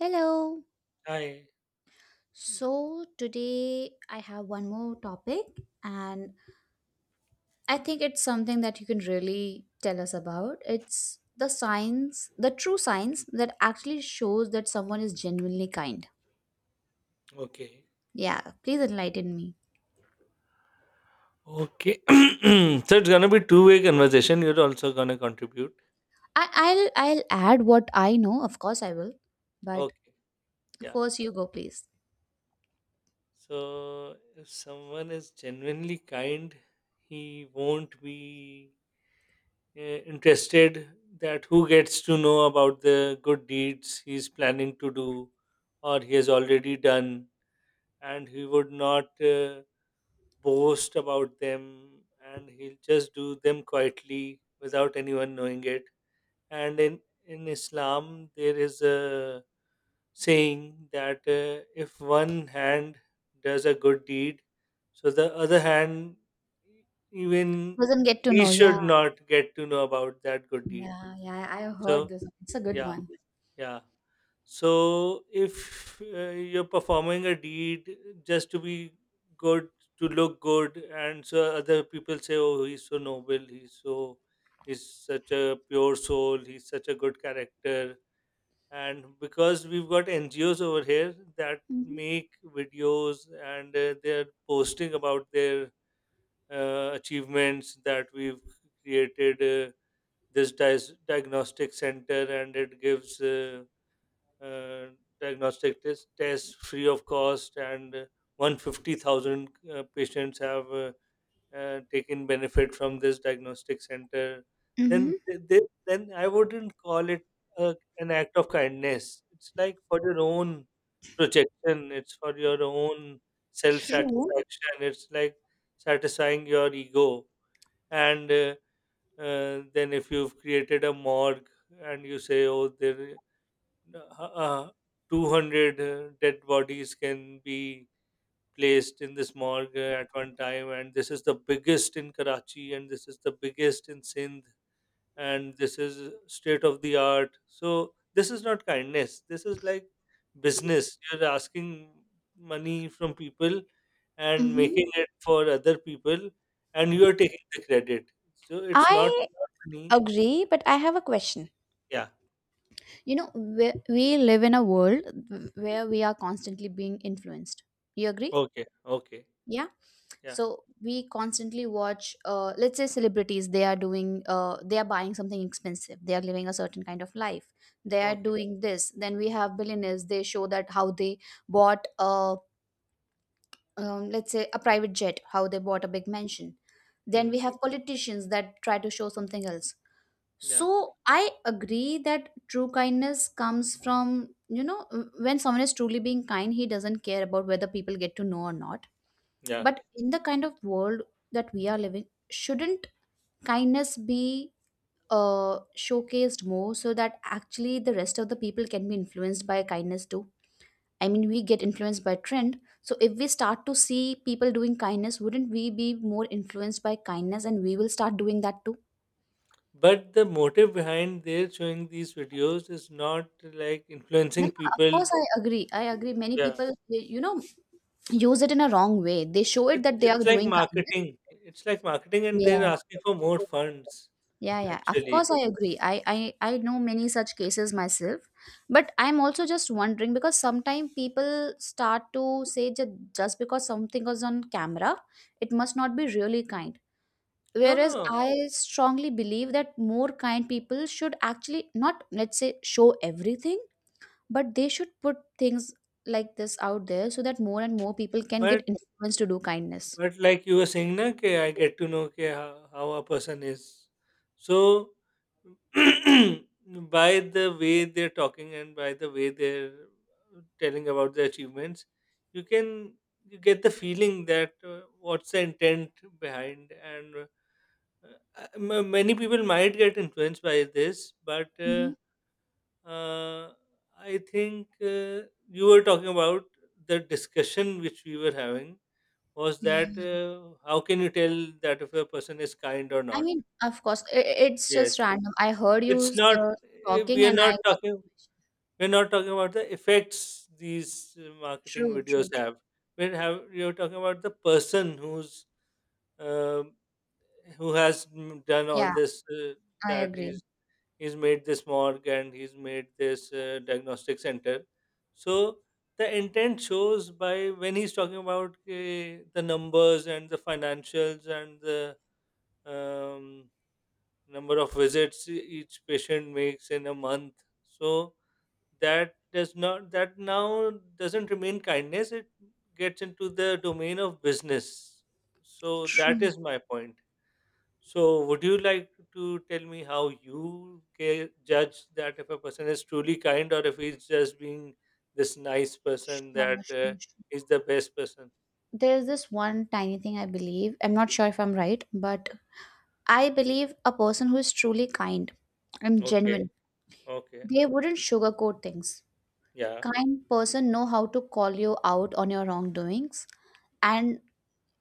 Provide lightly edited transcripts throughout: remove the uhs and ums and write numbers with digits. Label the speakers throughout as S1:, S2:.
S1: Hello.
S2: Hi.
S1: So, today I have one more topic, and I think it's something that you can really tell us about. It's the science, the true science that actually shows that someone is genuinely kind.
S2: Okay.
S1: Yeah, please enlighten me.
S2: Okay. So it's gonna be two-way conversation. You're also gonna contribute.
S1: I'll add what I know, of course I will. But
S2: Okay. Yeah.
S1: first you go, please.
S2: So if someone is genuinely kind, he won't be uh, interested that who gets to know about the good deeds he's planning to do or he has already done, and he would not boast about them, and he'll just do them quietly without anyone knowing it. And in Islam there is a saying that if one hand does a good deed, so the other hand even
S1: Doesn't get to
S2: he
S1: know, yeah.
S2: should not get to know about that good deed.
S1: Yeah, yeah. I heard
S2: So
S1: this. It's a good
S2: yeah,
S1: one.
S2: yeah. So if you're performing a deed just to be good, to look good, and so other people say, "Oh, he's so noble. He's such a pure soul. He's such a good character." And because we've got NGOs over here that
S1: Mm-hmm.
S2: make videos and they're posting about their achievements, that we've created uh, this diagnostic center, and it gives uh, diagnostic tests free of cost, and 150,000 patients have taken benefit from this diagnostic center, then
S1: Mm-hmm.
S2: th- they, then I wouldn't call it an act of kindness. It's like for your own projection. It's for your own self
S1: True.
S2: satisfaction. It's like satisfying your ego. And then if you've created a morgue and you say, "Oh, there uh, uh, 200 dead bodies can be placed in this morgue at one time, and this is the biggest in Karachi and this is the biggest in Sindh, and this is state of the art." So this is not kindness, this is like business. You're asking money from people and
S1: Mm-hmm.
S2: making it for other people, and you are taking the credit, so it's not
S1: I
S2: your money.
S1: agree, but I have a question.
S2: Yeah.
S1: You know, we live in a world where we are constantly being influenced. You agree?
S2: Okay. Okay.
S1: Yeah.
S2: Yeah.
S1: So we constantly watch, let's say, celebrities, they are doing, they are buying something expensive. They are living a certain kind of life. They are
S2: Okay.
S1: doing this. Then we have billionaires. They show that how they bought, let's say, a private jet, how they bought a big mansion. Then
S2: Mm.
S1: we have politicians that try to show something else.
S2: Yeah,
S1: So I agree that true kindness comes from when someone is truly being kind, he doesn't care about whether people get to know or not.
S2: yeah.
S1: But in the kind of world that we are living, shouldn't kindness be showcased more so that actually the rest of the people can be influenced by kindness too? I mean, we get influenced by trend. So if we start to see people doing kindness, wouldn't we be more influenced by kindness and we will start doing that too?
S2: But the motive behind their showing these videos is not like
S1: No,
S2: influencing
S1: no, of
S2: people.
S1: course I agree. I agree. Many
S2: Yeah,
S1: people, they use it in a wrong way. They show it
S2: it,
S1: that they
S2: it's
S1: are
S2: like
S1: doing kindness.
S2: marketing. It's like marketing, and they're
S1: Yeah.
S2: asking for more funds.
S1: Yeah, yeah. Of course
S2: Actually,
S1: I agree. I know many such cases myself. But I'm also just wondering because sometimes people start to say that just because something is on camera, it must not be really kind.
S2: no,
S1: Whereas
S2: no.
S1: I strongly believe that more kind people should actually not, let's say, show everything, but they should put things like this out there so that more and more people can get
S2: But
S1: influenced to do kindness.
S2: But like you were saying, na, ke I get to know ke how a person is. So by the way they're talking and by the way they're telling about their achievements, you can you get the feeling that what's the intent behind. And many people might get influenced by this, but
S1: Hmm.
S2: uh, I think you were talking about the discussion which we were having was
S1: Yeah.
S2: that how can you tell that if a person is kind or
S1: I
S2: not?
S1: mean, of course, it's just
S2: Yes,
S1: random. I heard you
S2: it's not.
S1: uh, talking,
S2: We are
S1: and I
S2: not
S1: got that
S2: talking.
S1: question.
S2: We're not talking about the effects these marketing
S1: True,
S2: videos
S1: true, true.
S2: have. We're have you're talking about the person who's um who has done all
S1: Yeah,
S2: this.
S1: I
S2: That
S1: agree.
S2: he's made this morgue, and he's made this diagnostic center. So the intent shows by when he's talking about the numbers and the financials and the um, number of visits each patient makes in a month. So that does not that now doesn't remain kindness. It gets into the domain of business. So that
S1: True.
S2: is my point. So would you like to tell me how you judge that if a person is truly kind, or if he's just being this nice person
S1: Sure,
S2: that
S1: sure, sure.
S2: is the best person?
S1: There's this one tiny thing I believe. I'm not sure if I'm right, but I believe a person who is truly kind and
S2: Okay.
S1: genuine,
S2: Okay.
S1: they wouldn't sugarcoat things.
S2: Yeah.
S1: Kind person know how to call you out on your wrongdoings, and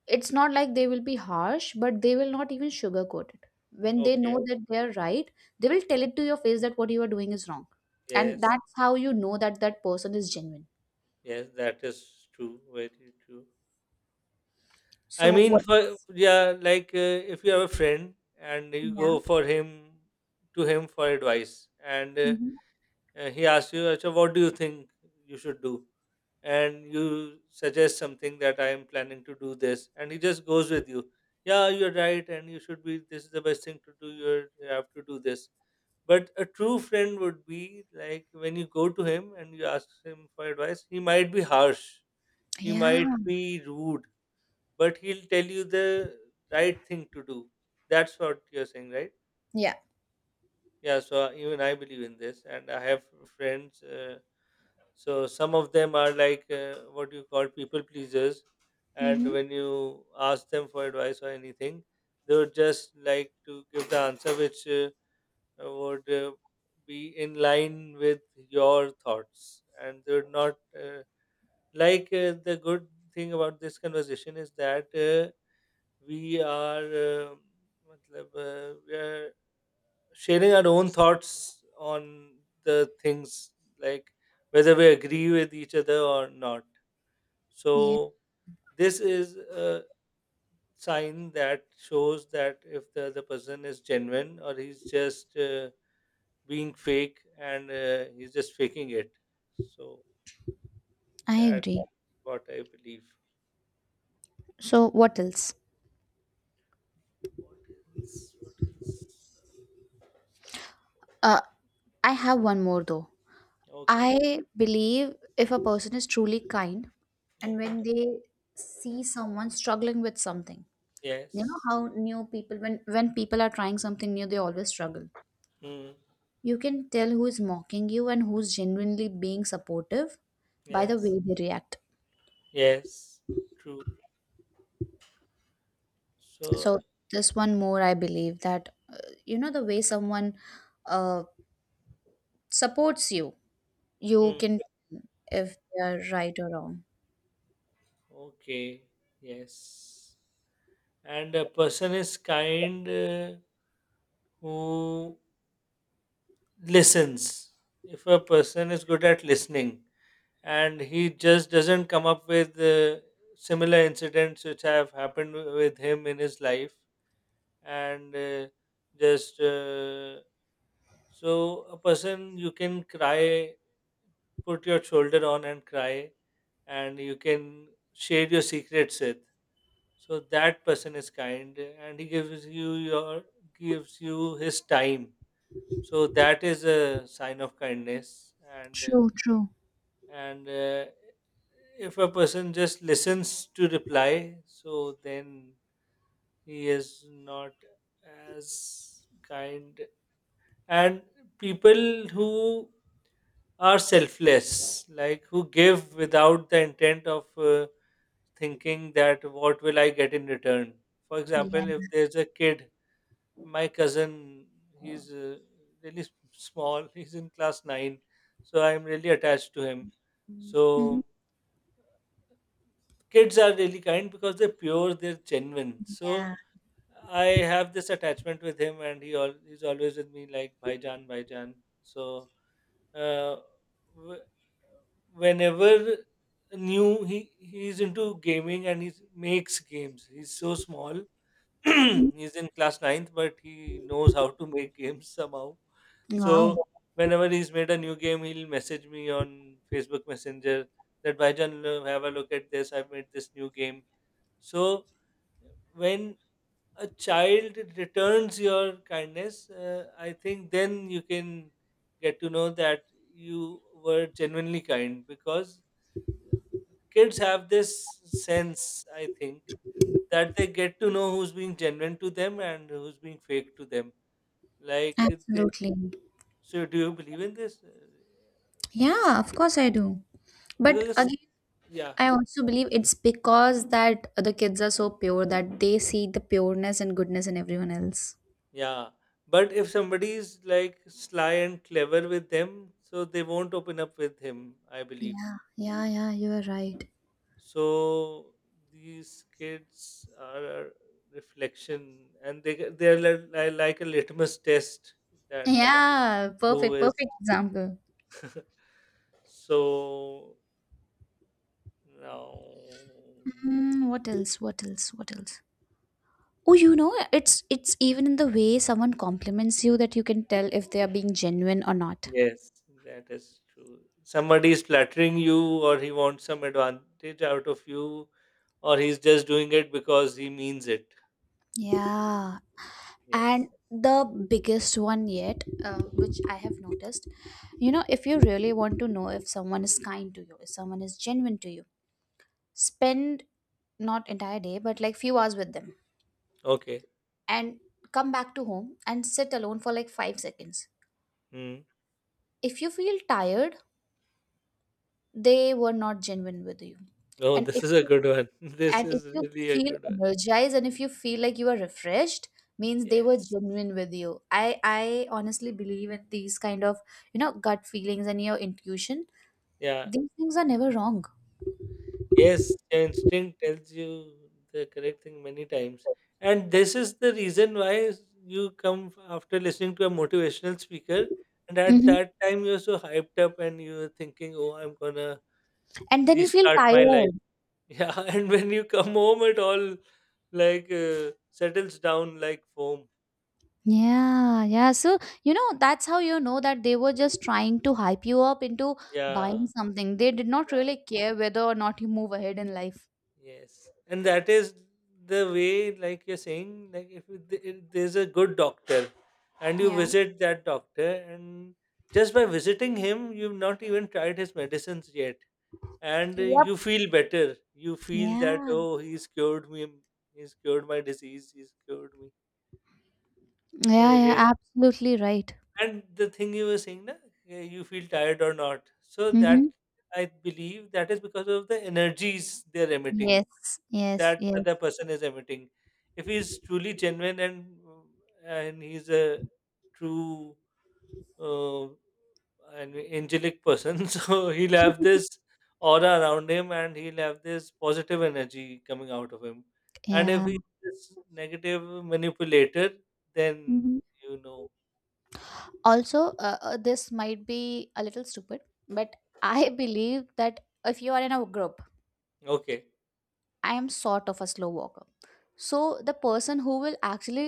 S1: it's not like they will be harsh, but they will not even sugarcoat it when they know
S2: Okay.
S1: that they are right. They will tell it to your face that what you are doing is wrong, and
S2: Yes.
S1: that's how you know that that person is genuine.
S2: Yes, that is true. Very true. I
S1: So
S2: mean,
S1: what?
S2: for yeah, like if you have a friend and you
S1: Yeah.
S2: go for him to him for advice, and
S1: Hmm.
S2: he asks you, "Acha, what do you think you should do?" And you suggest something that, "I am planning to do this," and he just goes with you. "Yeah, you're right, and you should be. This is the best thing to do. You have to do this." But a true friend would be, like, when you go to him and you ask him for advice, he might be harsh, he
S1: Yeah.
S2: might be rude, but he'll tell you the right thing to do. That's what you're saying, right?
S1: Yeah.
S2: Yeah, so even I believe in this, and I have friends. So some of them are like what you call people pleasers, and
S1: Hmm.
S2: when you ask them for advice or anything, they would just like to give the answer which would be in line with your thoughts, and they would not uh, like the good thing about this conversation is that we are matlab, we are sharing our own thoughts on the things, like whether we agree with each other or not.
S1: Yeah.
S2: So this is a sign that shows that if the other person is genuine, or he's just being fake and he's just faking it. So
S1: I
S2: that's
S1: agree.
S2: what I believe.
S1: So what else?
S2: What else?
S1: uh I have one more, though.
S2: Okay.
S1: I believe if a person is truly kind, and
S2: Okay.
S1: when they see someone struggling with something, you know
S2: Yes.
S1: how new people, when people are trying something new, they always struggle.
S2: Mm.
S1: You can tell who is mocking you and who's genuinely being supportive by the
S2: Yes.
S1: way they react.
S2: Yes, true. So,
S1: So this one more I believe, that you know the way someone uh, supports you, you
S2: mm,
S1: can tell if they are right or wrong.
S2: okay, yes. And a person is kind who listens. If a person is good at listening, and he just doesn't come up with similar incidents which have happened with him in his life, and just so a person you can cry, put your shoulder on and cry, and you can share your secrets with. So that person is kind and he gives you your gives you his time. So that is a sign of kindness. And
S1: True, true.
S2: and if a person just listens to reply, so then he is not as kind. And people who are selfless, like who give without the intent of thinking that what will I get in return. For example,
S1: Yeah.
S2: if there's a kid, my cousin, he's really small, he's in class 9, so I'm really attached to him.
S1: Hmm.
S2: So kids are really kind because they're pure, they're genuine. So
S1: Yeah.
S2: I have this attachment with him, and he's always with me like Bhaijan, Bhaijan. So uh, wh- whenever new he's into gaming and he makes games, he's so small.
S1: Hmm.
S2: He's in class ninth, but he knows how to make games somehow.
S1: Wow.
S2: So whenever he's made a new game, he'll message me on Facebook Messenger that, "Bhajan, have a look at this, I've made this new game." So when a child returns your kindness, I think then you can get to know that you were genuinely kind, because kids have this sense, I think, that they get to know who's being genuine to them and who's being fake to them. Like, they,
S1: Absolutely.
S2: so do you believe in this?
S1: Yeah, of course I do. But
S2: Because,
S1: again,
S2: yeah,
S1: I also believe it's because that the kids are so pure that they see the pureness and goodness in everyone else.
S2: yeah. But if somebody is like sly and clever with them, so they won't open up with him, I believe.
S1: Yeah, yeah, yeah, you are right.
S2: So these kids are a reflection, and they're like a litmus test, that
S1: Yeah,
S2: who
S1: perfect,
S2: is
S1: perfect example.
S2: so now.
S1: Mm, what else? What else? What else? Oh, you know, it's even in the way someone compliments you that you can tell if they are being genuine or not.
S2: Yes, that is true. Somebody is flattering you, or he wants some advantage out of you, or he's just doing it because he means it.
S1: Yeah, and
S2: Yes.
S1: the biggest one yet, which I have noticed. You know, if you really want to know if someone is kind to you, if someone is genuine to you, spend not entire day but like few hours with them,
S2: Okay.
S1: and come back to home and sit alone for like 5 seconds.
S2: Hmm.
S1: If you feel tired, they were not genuine with you.
S2: Oh,
S1: and
S2: this
S1: if
S2: is a
S1: you
S2: good one. This
S1: and if
S2: is
S1: you
S2: really a
S1: feel
S2: good one.
S1: energized, and if you feel like you are refreshed, means they were
S2: Yes.
S1: genuine with you. I honestly believe in these kind of, gut feelings and your intuition.
S2: Yeah.
S1: These things are never wrong.
S2: Yes, your instinct tells you the correct thing many times. And this is the reason why you come after listening to a motivational speaker. And at
S1: Hmm.
S2: that time, you're so hyped up and you're thinking, "Oh, I'm going to
S1: And then you feel
S2: restart my life."
S1: tired.
S2: Yeah. And when you come home, it all, like settles down like foam.
S1: Yeah, yeah. So, that's how you know that they were just trying to hype you up into
S2: Yeah.
S1: buying something. They did not really
S2: Yeah.
S1: care whether or not you move ahead in life.
S2: Yes, and that is the way, like you're saying, like if if there's a good doctor and you
S1: Yeah.
S2: visit that doctor, and just by visiting him, you've not even tried his medicines yet, and
S1: Yep.
S2: you feel better. You feel that,
S1: Yeah.
S2: "Oh, he's cured me, he's cured my disease, he's cured me." So,
S1: Yeah, yeah,
S2: yes.
S1: absolutely right.
S2: And the thing you were saying, na, you feel tired or not. So that
S1: Mm-hmm.
S2: I believe that is because of the energies they're emitting.
S1: Yes, yes,
S2: That
S1: yes.
S2: other person is emitting. If he's truly genuine and he's a true uh, an angelic person, so he'll have this aura around him, and he'll have this positive energy coming out of him. And if
S1: Yeah.
S2: he's this negative manipulator, then
S1: Mhm.
S2: you know,
S1: Also, this might be a little stupid, but I believe that if you are in a group,
S2: okay.
S1: I am sort of a slow walker, so the person who will actually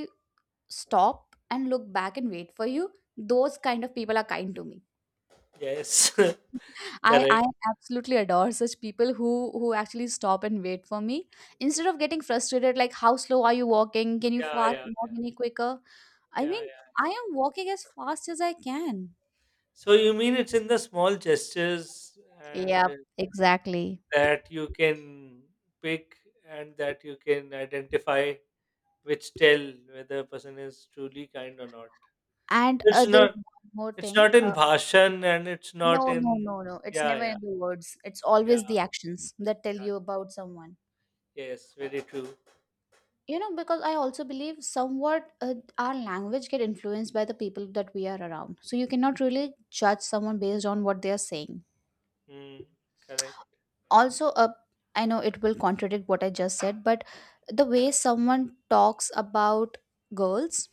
S1: stop and look back and wait for you, those kind of people are kind to me.
S2: Yes. Correct.
S1: I
S2: Okay.
S1: I absolutely adore such people who actually stop and wait for me, instead of getting frustrated like, how slow are you walking? Can you
S2: Yeah,
S1: fast
S2: yeah,
S1: walk
S2: yeah,
S1: any quicker? I
S2: yeah,
S1: mean,
S2: yeah.
S1: I am walking as fast as I can.
S2: So you mean it's in the small gestures, and
S1: Yep, exactly.
S2: that you can pick and that you can identify, which tell whether a person is truly kind or not.
S1: And
S2: It's
S1: there's
S2: not
S1: one more
S2: it's
S1: thing.
S2: not in bhashan, and it's not
S1: No, no,
S2: in
S1: no, no. It's
S2: yeah,
S1: never
S2: yeah,
S1: in the words. It's
S2: yeah,
S1: always the actions that tell
S2: yeah.
S1: you about someone.
S2: Yes, very true.
S1: You know, because I also believe somewhat our language get influenced by the people that we are around. So you cannot really judge someone based on what they are saying.
S2: Mm, correct.
S1: Also, I know it will contradict what I just said, but the way someone talks about girls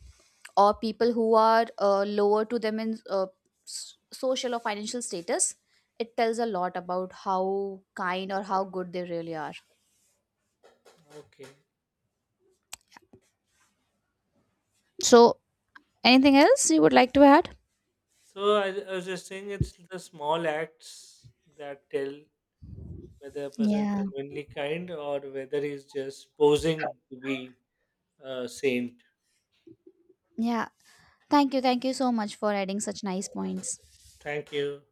S1: or people who are lower to them in social or financial status, it tells a lot about how kind or how good they really are.
S2: Okay.
S1: So, anything else you would like to add?
S2: So I was just saying it's the small acts that tell whether a person is
S1: Yeah,
S2: genuinely kind or whether he's just posing to be a saint.
S1: yeah. Thank you, thank you so much for adding such nice points.
S2: Thank you.